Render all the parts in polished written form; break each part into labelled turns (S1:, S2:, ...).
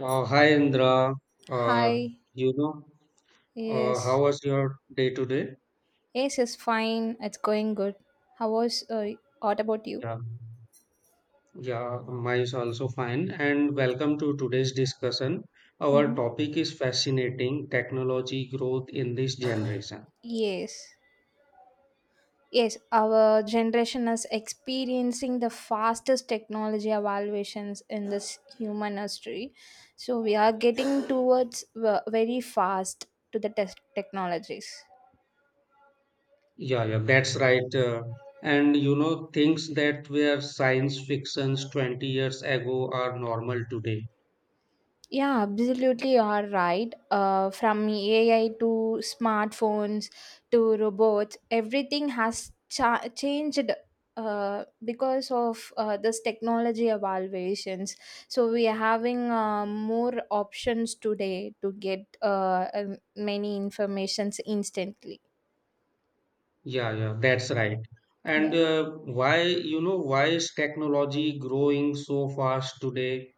S1: Hi Indra, uh,
S2: Hi.
S1: you know,
S2: Yes.
S1: how was your day today?
S2: Yes, is fine. It's going good. How was What about you?
S1: Yeah, yeah, mine is also fine. And welcome to today's discussion. Our
S2: Mhm.
S1: topic is fascinating technology growth in this generation.
S2: Yes. Yes, our generation is experiencing the fastest technology evaluations in this human history. So we are getting towards very fast to the technologies.
S1: Yeah, that's right. And you know, things that were science fictions 20 years ago are normal today.
S2: Yeah, absolutely, you are right. From AI to smartphones to robots, everything has changed because of this technology evaluations. So we are having more options today to get many informations instantly.
S1: Yeah, that's right. And why, why is technology growing so fast today?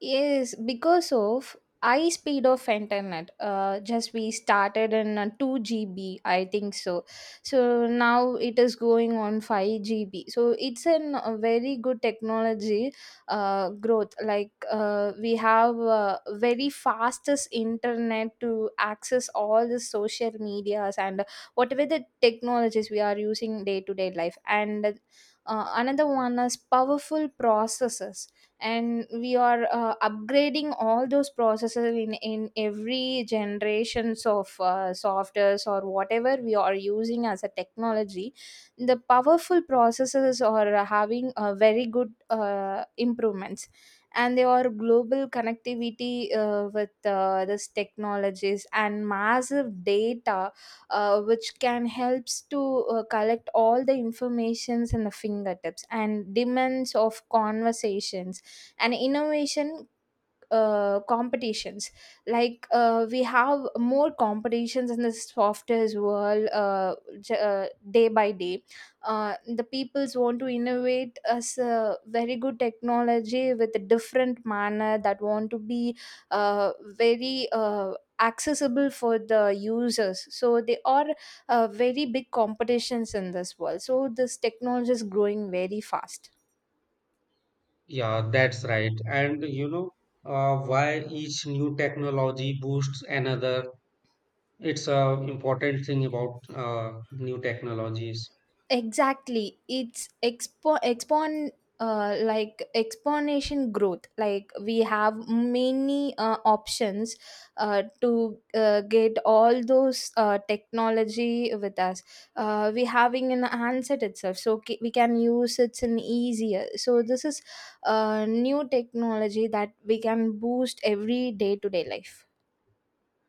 S2: Yes, because of high speed of internet. Just we started in 2 GB, I think so. So now it is going on 5 GB. So it's a very good technology growth. Like we have very fastest internet to access all the social medias and whatever the technologies we are using day to day life. And another one is powerful processors, and we are upgrading all those processes in every generations of softwares or whatever we are using as a technology. The powerful processes are having a very good improvements, and they are global connectivity with this technologies and massive data which can helps to collect all the informations in the fingertips and demands of conversations and innovation competitions. Like we have more competitions in the software's world day by day. The peoples want to innovate as a very good technology with a different manner that want to be very accessible for the users, so they are very big competitions in this world, so this technology is growing very fast.
S1: Yeah, that's right. And you know, why each new technology boosts another. It's a important thing about new technologies.
S2: Exactly, it's expo expon like exponential growth. Like we have many options to get all those technology with us. We having an handset itself, so we can use, it's an easier, so this is new technology that we can boost every day to day life.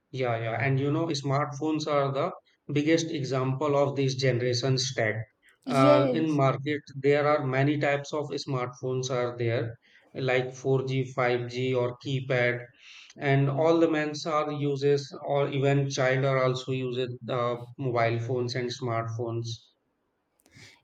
S1: Yeah, yeah. And you know, smartphones are the biggest example of this generation stack. In
S2: Yes.
S1: market, there are many types of smartphones are there, like 4G, 5G, or keypad. And all the men's are uses, or even child are also uses mobile phones and smartphones.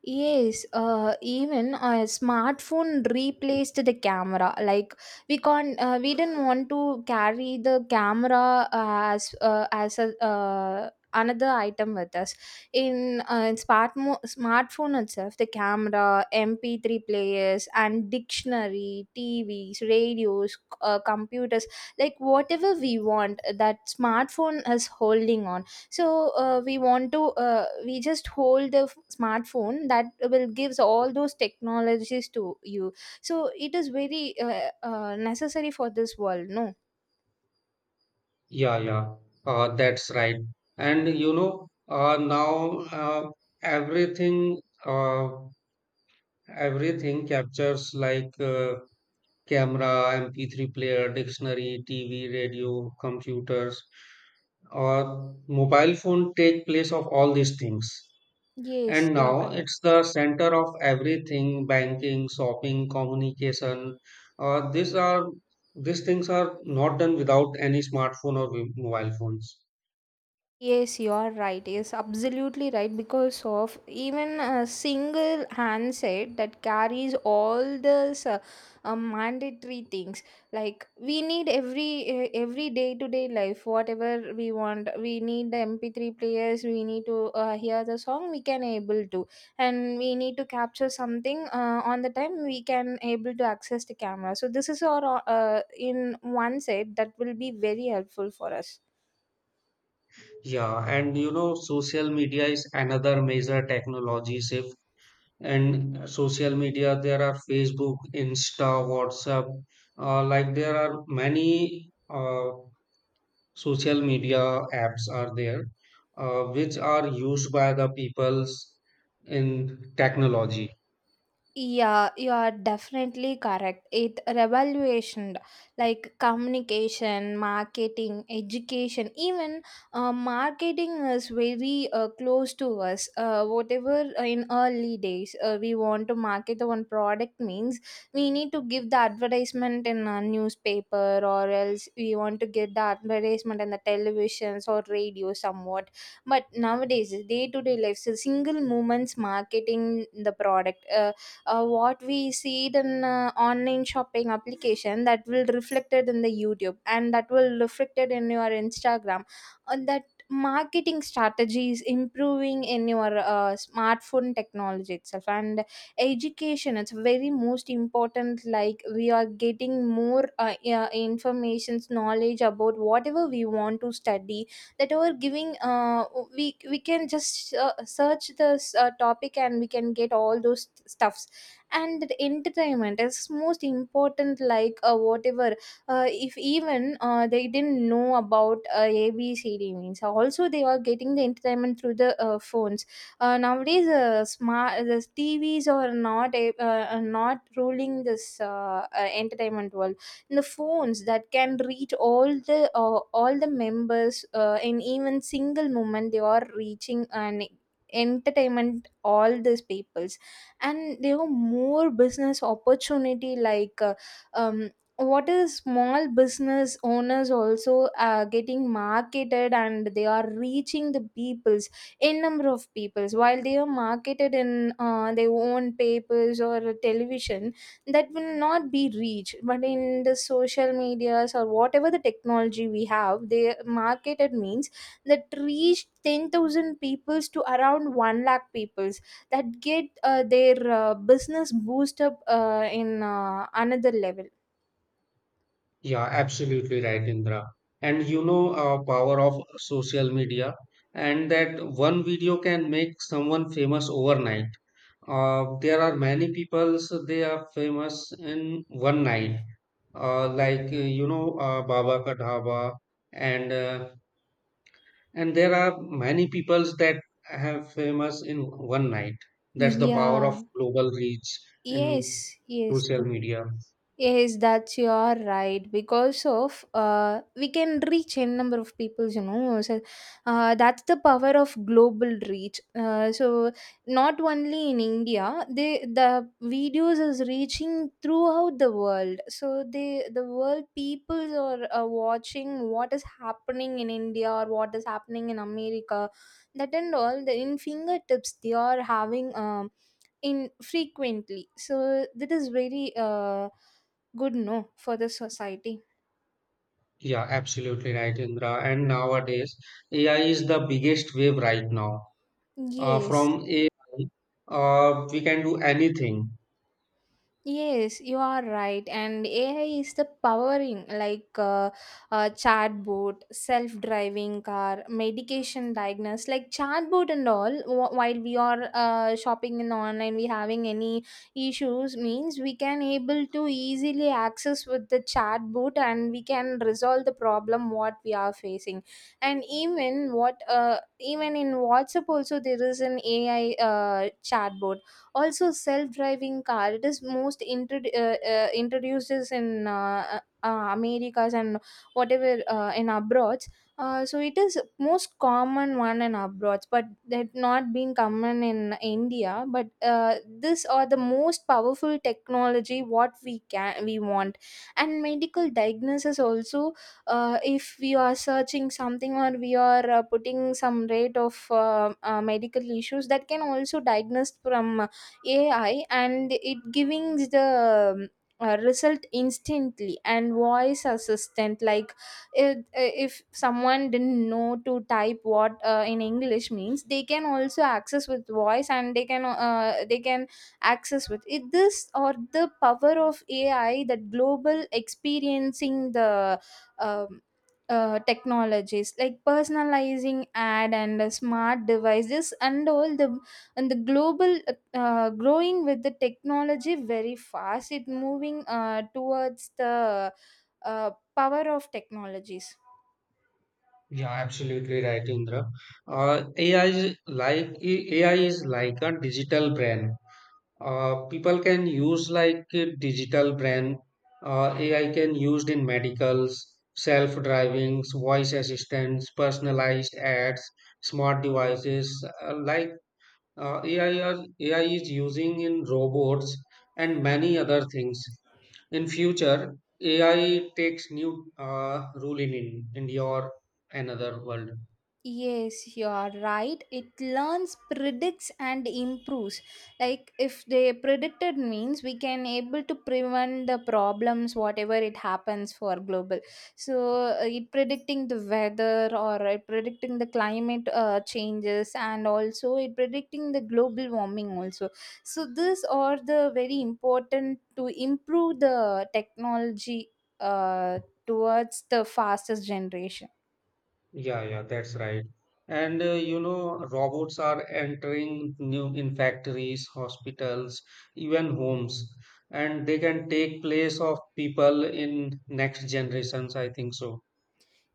S2: Yes, even a smartphone replaced the camera. Like we can't, we didn't want to carry the camera as a another item with us. In smartphone itself, the camera, MP3 players, and dictionary, TVs, radios, computers, like whatever we want, that smartphone is holding on. So we want to we just hold the smartphone, that will gives all those technologies to you, so it is very necessary for this world, no.
S1: Yeah, that's right. And you know, now everything, uh, everything captures like camera, MP3 player, dictionary, TV, radio, computers, or mobile phone take place of all these things.
S2: Yes,
S1: And
S2: you are
S1: now
S2: correct.
S1: it's the center of everything: banking, shopping, communication. Uh, these are these things are not done without any smartphone or mobile phones.
S2: Yes, you are right. Yes, absolutely right. Because of even a single handset that carries all these mandatory things. Like we need every day to day life, whatever we want. We need the MP3 players. We need to hear the song. We can able to, and we need to capture something on the time. We can able to access the camera. So this is our in one set that will be very helpful for us.
S1: Yeah, and you know, social media is another major technology shift. And social media, there are Facebook, Insta, WhatsApp, like there are many social media apps are there, which are used by the peoples in technology.
S2: Yeah, you are definitely correct. It revaluation like communication, marketing, education, even marketing is very close to us. Whatever in early days we want to market the one product means we need to give the advertisement in a newspaper, or else we want to get the advertisement in the televisions or radio somewhat. But nowadays, day to day life, so single moments marketing the product. What we see it in online shopping application, that will reflected in the youtube, and that will reflected in your instagram. And that marketing strategies improving in your smartphone technology itself. And education, it's very most important. Like we are getting more yeah, informations knowledge about whatever we want to study, that are giving we can just search this topic, and we can get all those stuffs. And the entertainment is most important. Like whatever if even they didn't know about abcd means also, they are getting the entertainment through the phones. Nowadays, smart the tvs are not ruling this entertainment world. The phones that can reach all the members in even single moment, they are reaching and entertainment all these peoples. And there are more business opportunity. Like um, what is small business owners also getting marketed, and they are reaching the peoples, a number of peoples, while they are marketed in their own papers or television, that will not be reached. But in the social medias or whatever the technology we have they marketed means, that reached 10,000 peoples to around 1 lakh peoples, that get their business boost up in another level.
S1: Yeah, absolutely right, Indra. And you know, power of social media, and that one video can make someone famous overnight. There are many people's they are famous in one night, like Baba Ka Dhaba, and uh, and there are many peoples that have famous in one night. That's the power
S2: Yeah.
S1: of global reach in
S2: Yes, yes.
S1: social media.
S2: Yes, that's your right. Because of we can reach n number of people, you know. So that's the power of global reach. So not only in India, the videos is reaching throughout the world. So the world peoples are watching what is happening in India or what is happening in America. That and all the in fingertips they are having in frequently. So that is very good, no, for the society.
S1: Yeah, absolutely right, Indra. And nowadays, AI is the biggest wave right now. Uh,
S2: Yes.
S1: from AI, we can do anything.
S2: Yes, you are right. And AI is the powering, like chatbot, self-driving car, medication diagnosis, like chatbot and all. While we are shopping in online, we having any issues means, we can able to easily access with the chatbot, and we can resolve the problem what we are facing. And even in WhatsApp also there is an AI chatbot. Also self-driving car, it is most introduced is in americas, and whatever in abroad. So it is most common one in abroad, but that not been common in india. But this are the most powerful technology what we want. And medical diagnosis also, if we are searching something, or we are putting some rate of medical issues, that can also diagnose from AI, and it giving the result instantly. And voice assistant, like if someone didn't know to type what in english means, they can also access with voice, and they can they can access with it, this or the power of ai, that global experiencing the um, technologies, like personalizing ad and a smart devices and all. The and the global growing with the technology very fast, it moving towards the uh, power of technologies.
S1: Yeah, absolutely right, Indra. AI is like a digital brain. People can use like a digital brain. AI can used in medicals, self-drivings, voice assistants, personalized ads, smart devices. AI is using in robots and many other things. In future, AI takes new role in India or another world.
S2: Yes, you are right. It learns, predicts, and improves. Like if they predicted means, we can able to prevent the problems, whatever it happens for global. So it predicting the weather, or it predicting the climate changes, and also it predicting the global warming also. So these are the very important to improve the technology uh, towards the fastest generation.
S1: Yeah, that's right. And you know, robots are entering new in factories, hospitals, even homes, and they can take place of people in next generations. I think so.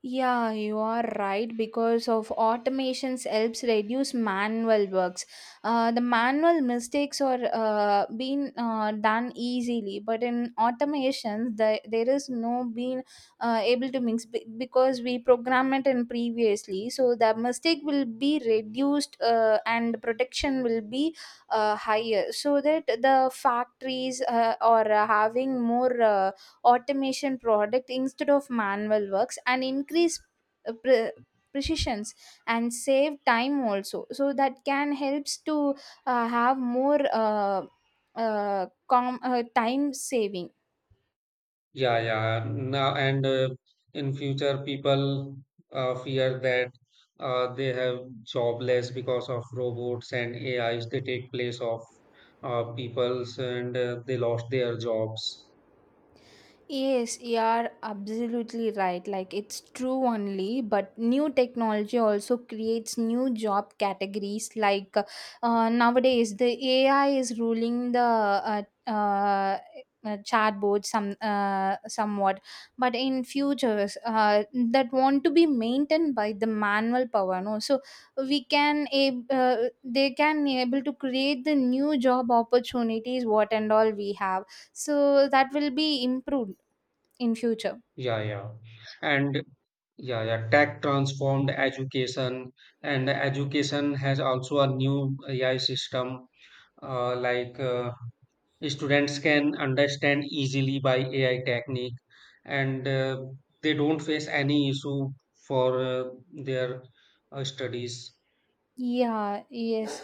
S2: Yeah, you are right, because of automations helps reduce manual works. The manual mistakes are being done easily, but in automations, there is no being able to mix, because we program it in previously. So the mistake will be reduced and protection will be higher, so that the factories are having more. Automation product instead of manual works, and increase uh, pre- precisions, and save time also, so that can helps to have more time saving.
S1: Yeah, yeah. Now and in future, people fear that they have jobless because of robots and AIs. They take place of peoples, and they lost their jobs.
S2: Yes, you are absolutely right. Like it's true only, but new technology also creates new job categories. Like nowadays, the AI is ruling the uh, chatbot somewhat, but in futures that want to be maintained by the manual power, no. So we can ab- uh, they can able to create the new job opportunities, what and all we have, so that will be improved in future.
S1: Yeah, yeah. And yeah, tech transformed education, and education has also a new AI system. Uh, like uh, students can understand easily by AI technique, and they don't face any issue for their studies.
S2: Yeah. Yes.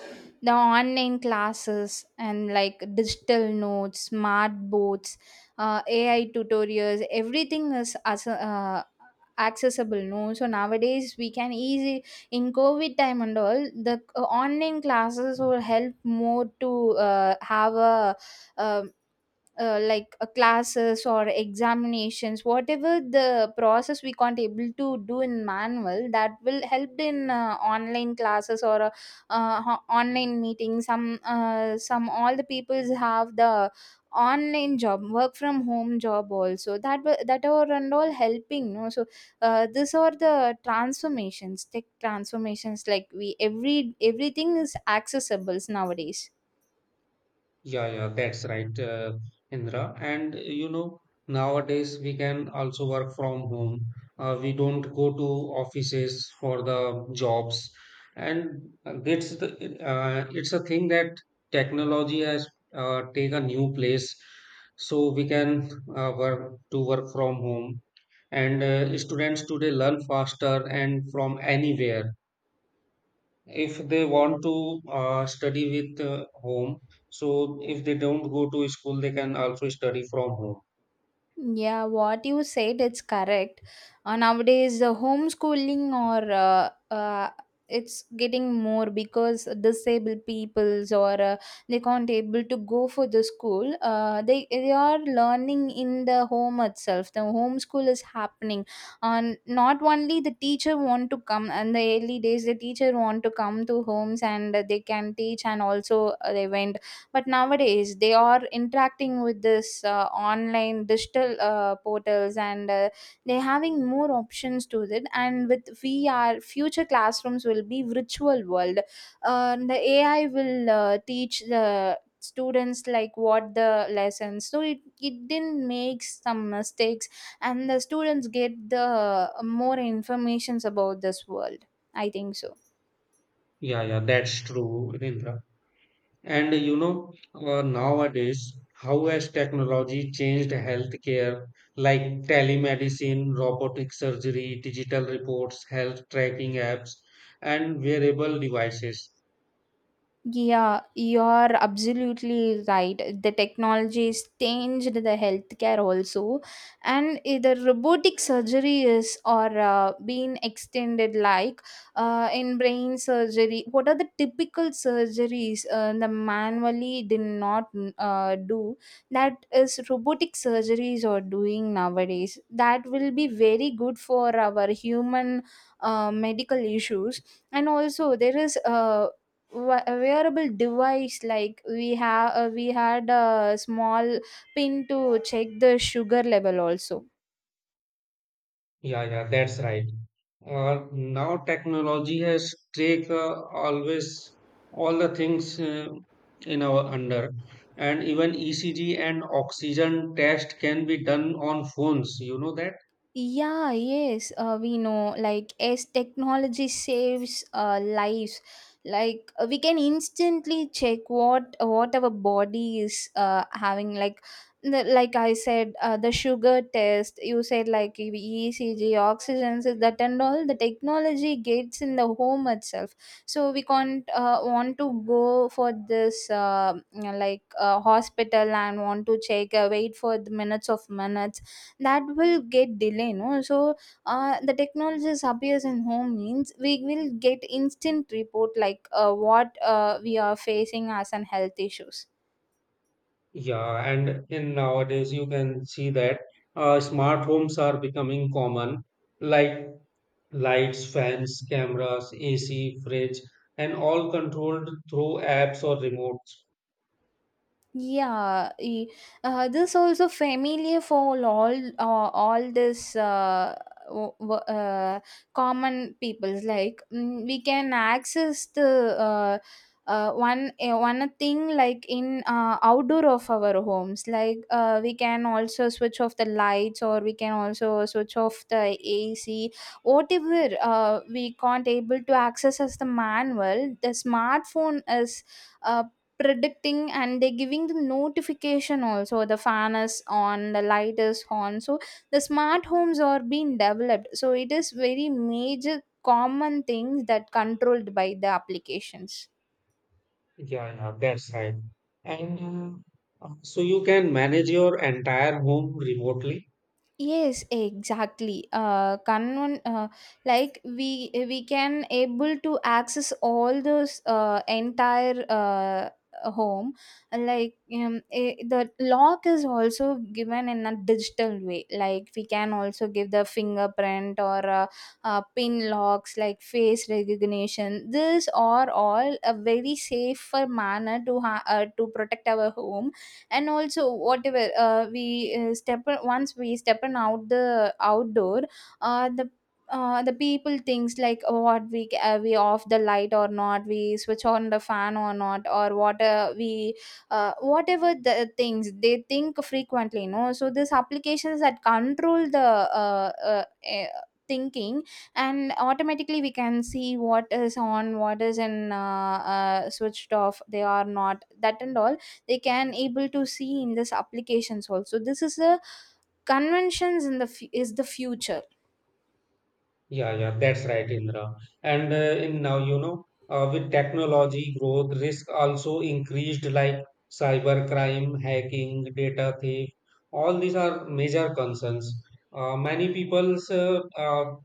S2: The online classes, and like digital notes, smart boards, ai tutorials, everything is as accessible, no. So nowadays we can easy in covid time, and all the online classes will help more to have a um like classes or examinations, whatever the process we can't able to do in manual, that will help in online classes or online meetings. Some all the peoples have the online job, work from home job also, that are and all helping, no. So these are the transformations, tech transformations. Like we every everything is accessible nowadays.
S1: Yeah, that's right, Indra. And you know, nowadays we can also work from home. We don't go to offices for the jobs, and uh, it's the it's a thing that technology has take a new place. So we can work from home, and students today learn faster and from anywhere if they want to study with home. So if they don't go to school they can also study from home.
S2: Yeah, what you said, it's correct. Nowadays, the homeschooling or it's getting more, because disabled peoples or they can't able to go for the school. They are learning in the home itself. The homeschool is happening, and not only the teacher want to come. And the early days, the teacher want to come to homes and they can teach, and also they went but nowadays they are interacting with this online digital portals and they're having more options to it, and with vr future classrooms will be virtual world. Uh, the ai will teach the students like what the lessons, so it didn't make some mistakes, and the students get the more informations about this world. I think so.
S1: Yeah, that's true, Rindra. And you know, nowadays how has technology changed healthcare, like telemedicine, robotic surgery, digital reports, health tracking apps, and wearable devices.
S2: Yeah, you're absolutely right. The technology has changed the healthcare also, and the robotic surgery is or being extended like in brain surgery. What are the typical surgeries the manually did not do, that is robotic surgeries are doing nowadays? That will be very good for our human medical issues. And also there is a wearable device. Like we have we had a small pin to check the sugar level also.
S1: Yeah, that's right. Now technology has take always all the things in our under, and even ECG and oxygen test can be done on phones. You know that?
S2: Yeah, yes, we know. Like, as technology saves lives, like we can instantly check what our body is having. Like, like I said, the sugar test. You said like ECG, oxygen, so that and all. The technology gets in the home itself, so we can't want to go for this like hospital and want to check. Wait for the minutes of minutes, that will get delay no. So the technologies appears in home means we will get instant report like what we are facing as an health issues.
S1: Yeah, and in nowadays you can see that smart homes are becoming common, like lights, fans, cameras, AC, fridge, and all controlled through apps or remotes.
S2: Yeah, this also familiar for all this w- w- uh, common peoples. Like we can access the one thing like in outdoor of our homes. Like we can also switch off the lights, or we can also switch off the AC. Whatever we can't able to access as the manual, the smartphone is uh, predicting and they're giving the notification also. The fan is on, the light is on, so the smart homes are being developed, so it is very major common things that controlled by the applications.
S1: Yeah, that's right. And so you can manage your entire home remotely.
S2: Yes, exactly. Like we can able to access all those entire home. Like the lock is also given in a digital way. Like we can also give the fingerprint, or pin locks, like face recognition. These are all a very safer manner to to protect our home. And also whatever we step once we step on out the outdoor, uh, the the people thinks like, oh, what we we off the light or not, we switch on the fan or not, or what we whatever the things they think frequently no. So these applications that control the uh, uh, eh, thinking, and automatically we can see what is on, what is in switched off, they are not, that and all. They can able to see in this applications also. This is a conventions in the is the future.
S1: Yeah, that's right, Indra. And in now, you know, with technology growth, risk also increased like cyber crime, hacking, data theft. All these are major concerns. Many people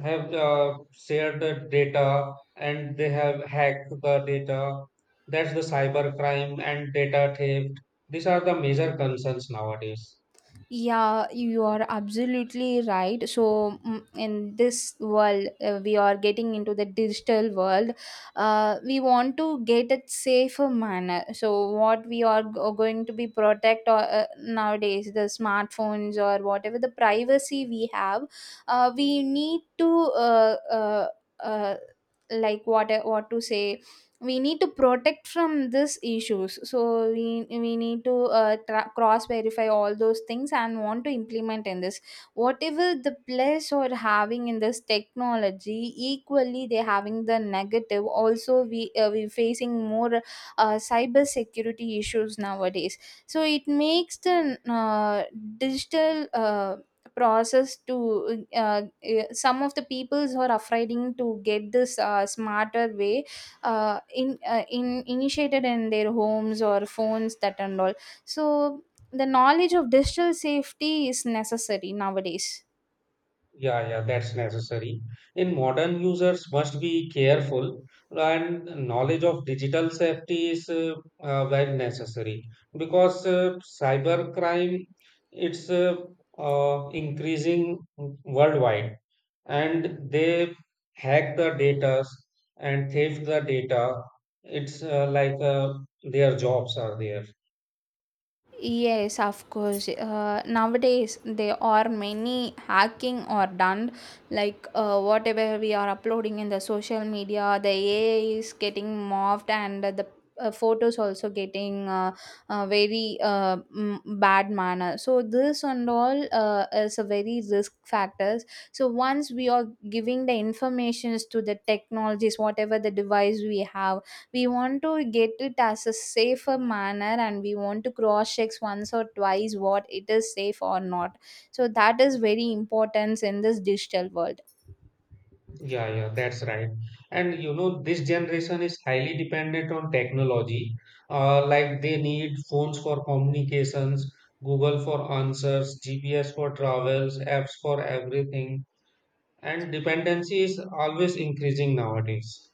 S1: have shared the data and they have hacked the data. That's the cyber crime and data theft. These are the major concerns nowadays.
S2: Yeah, you are absolutely right. So in this world we are getting into the digital world. Uh, we want to get it safer manner. So what we are going to be protect, or nowadays the smartphones or whatever the privacy we have, we need to uh, uh, uh, like what to say, we need to protect from these issues. So we need to cross verify all those things and want to implement in this. Whatever the plus or having in this technology, equally they having the negative also. We we facing more cyber security issues nowadays. So it makes the digital process to some of the peoples who are afraid to get this smarter way, in initiated in their homes or phones, that and all. So the knowledge of digital safety is necessary nowadays.
S1: Yeah, that's necessary. And modern users must be careful, and knowledge of digital safety is very necessary because cybercrime it's increasing worldwide, and they hack the data and theft the data. It's like their jobs are there.
S2: Yes, of course. Nowadays, there are many hacking are done. Like whatever we are uploading in the social media, the AI is getting morphed, and the photos also getting bad manner. So this and all is a very risk factors. So once we are giving the informations to the technologies, whatever the device we have, we want to get it as a safer manner, and we want to cross check once or twice what it is safe or not. So that is very important in this digital world.
S1: Yeah, that's right. And you know, this generation is highly dependent on technology. Like they need phones for communications, Google for answers, GPS for travels, apps for everything. And dependency is always increasing nowadays.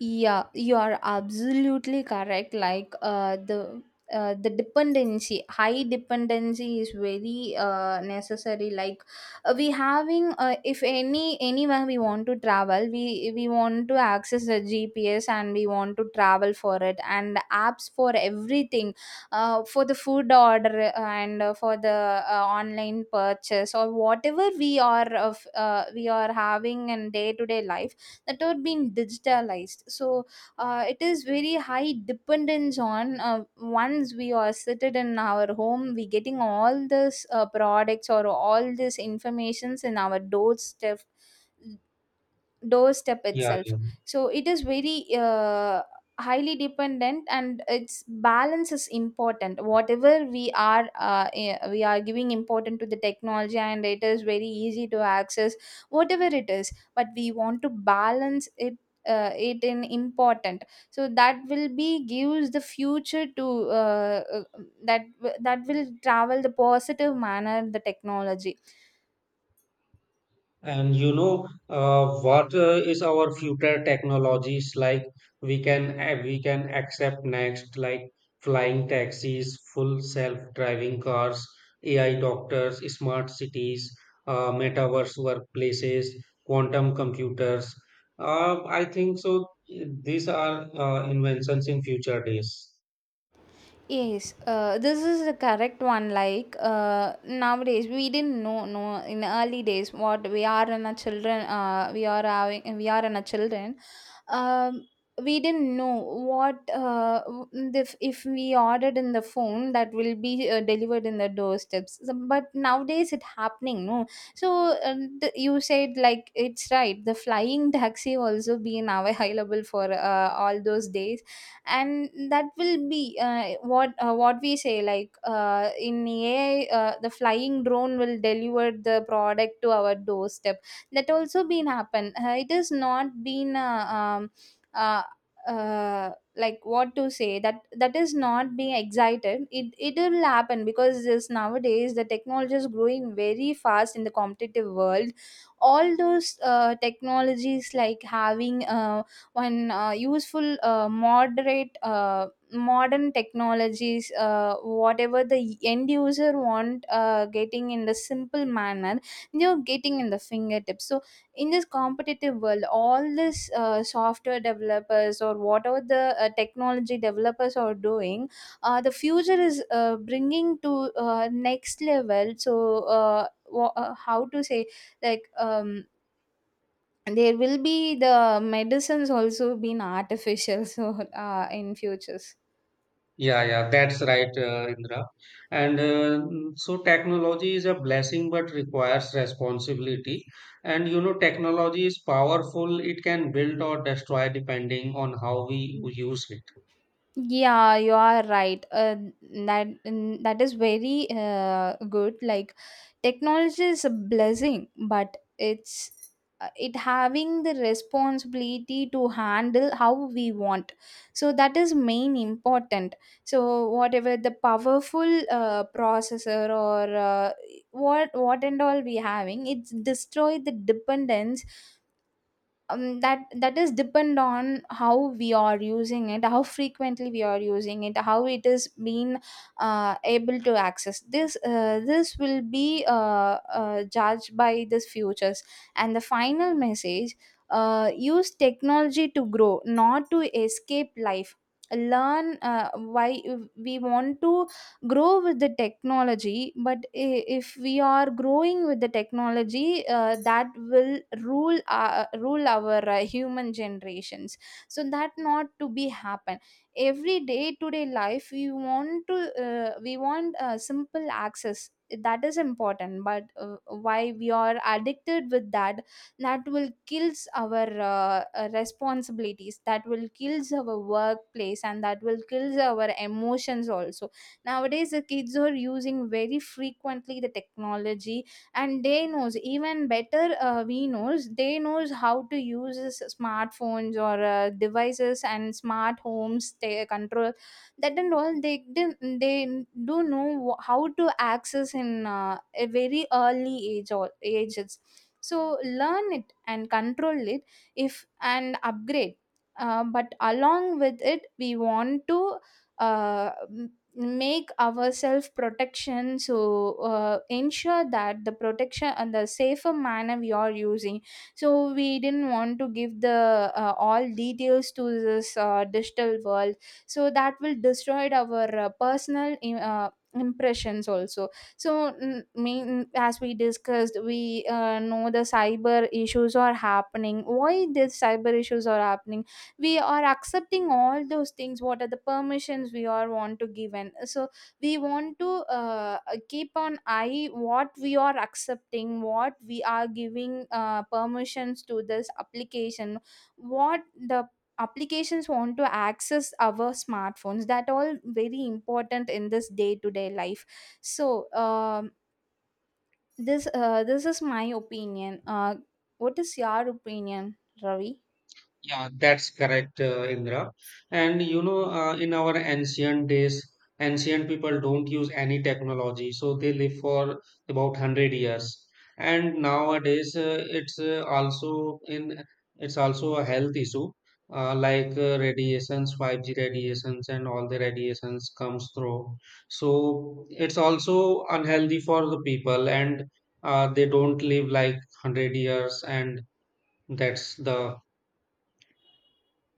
S2: Yeah, you are absolutely correct. Like the dependency, high dependency is very necessary. Like we having, if anywhere we want to travel, we want to access the GPS and we want to travel for it, and apps for everything, for the food order, and for the online purchase, or whatever we are of we are having in day to day life, that are being digitalized. So it is very high dependence on once we are seated in our home, we getting all this products, or all these informations in our doorstep
S1: Yeah,
S2: itself.
S1: yeah.
S2: So it is very highly dependent, and its balance is important. Whatever we are we are giving important to the technology, and it is very easy to access whatever it is, but we want to balance it. Uh, it in important. So that will be gives the future to that will travel the positive manner, the technology.
S1: And you know what is our future technologies like? We can accept next like flying taxis, full self-driving cars, AI doctors, smart cities, metaverse workplaces, quantum computers. I think so. These are inventions in future days.
S2: Yes, this is the correct one. Like nowadays, we didn't know. No, in the early days, what we are in a children, we are in a children. Um, we didn't know what if we ordered in the phone, that will be delivered in the doorsteps. So, but nowadays, it happening. No, so uh, you said like it's right. The flying taxi also been available for all those days. And that will be what we say, like in AI, the flying drone will deliver the product to our doorstep. That also been happen, it has not been uh, like what to say, that is not being excited. It will happen, because this nowadays the technology is growing very fast in the competitive world. All those technologies like having when useful moderate modern technologies, whatever the end user want getting in the simple manner, you are getting in the fingertips. So in this competitive world, all this software developers, or whatever the technology developers are doing, the future is bringing to next level. So how to say, like there will be the medicines also been artificial so in futures.
S1: Yeah, that's right, Indra. And so technology is a blessing but requires responsibility. And you know, technology is powerful, it can build or destroy depending on how we use it.
S2: Yeah, you are right. That that is very good. Like technology is a blessing, but it's it having the responsibility to handle how we want. So that is main important. So whatever the powerful processor, or what and all we having, it's destroy the dependence. That is depend on how we are using it, how frequently we are using it, how it is being able to access this this will be judged by this futures. And the final message: use technology to grow, not to escape life. Learn why we want to grow with the technology, but if we are growing with the technology, that will rule our human generations. So that not to be happen. Every day to day life, we want to we want simple access. That is important, but why we are addicted with that? That will kills our responsibilities, that will kills our workplace, and that will kills our emotions also. Nowadays the kids are using very frequently the technology, and they knows even better. Uh, we knows they knows how to use smartphones, or devices, and smart homes they control, that and all. They didn't, they do know how to access in a very early age or ages. So learn it and control it, if and upgrade. Uh, but along with it, we want to uh, make our self protection. So ensure that the protection and the safer manner we are using. So we didn't want to give the all details to this digital world. So that will destroy our personal impressions also. So mean, as we discussed, we know the cyber issues are happening, why these cyber issues are happening. We are accepting all those things. What are the permissions we are want to given? So we want to keep on eye what we are accepting, what we are giving permissions to this application, what the applications want to access our smartphones. That all very important in this day to day life. So this is my opinion. What is your opinion, ravi?
S1: Yeah, that's correct, Indra. And you know, in our ancient days, ancient people don't use any technology, so they live for about 100 years. And nowadays, it's also a health issue, like radiations, 5G radiations, and all the radiations comes through. So it's also unhealthy for the people, and they don't live like 100 years, and that's the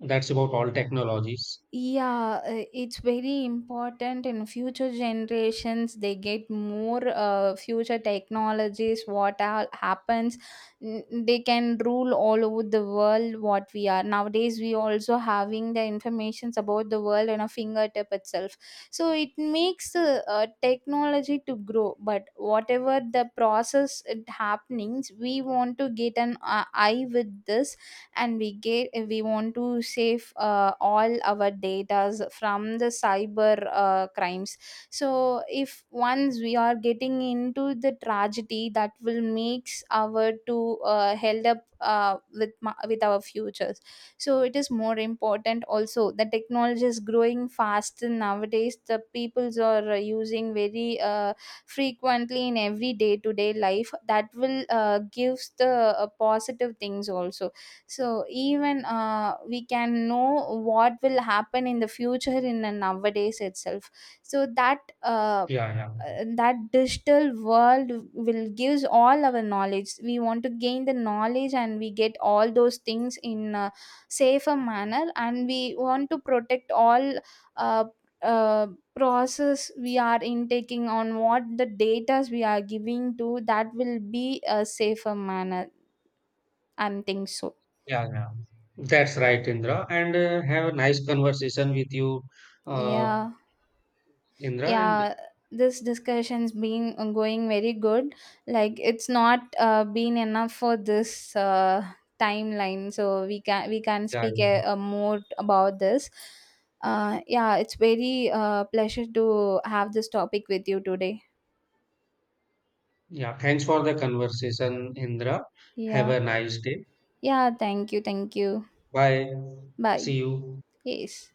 S1: that's about all technologies.
S2: Yeah, it's very important in future generations they get more future technologies. What happens, they can rule all over the world. What we are nowadays, we also having the informations about the world on a fingertip itself. So it makes the technology to grow. But whatever the process it happenings, we want to get an eye with this, and we want to save all our datas from the cyber crimes. So if once we are getting into the tragedy, that will makes our to held up with ma- with our futures. So it is more important also. The technology is growing fast nowadays, the peoples are using very frequently in every day to day life, that will gives the positive things also. So even we can know what will happen in the future in a nowadays itself. So
S1: Yeah, yeah,
S2: that digital world will gives all our knowledge. We want to gain the knowledge, and we get all those things in a safer manner, and we want to protect all. Uh, uh, Process we are intaking on, what the data we are giving to, that will be a safer manner, and think so.
S1: yeah. That's right, Indra. And have a nice conversation with you, uh,
S2: Yeah,
S1: Indra. And
S2: yeah, this discussion's been going very good. Like it's not been enough for this timeline. So we can
S1: yeah,
S2: speak
S1: yeah,
S2: a more about this. Uh, yeah, it's very pleasure to have this topic with you today.
S1: yeah. Thanks for the conversation, Indra. Have
S2: Yeah,
S1: a nice day.
S2: yeah, thank you, thank you.
S1: Bye.
S2: Bye.
S1: See you.
S2: Yes.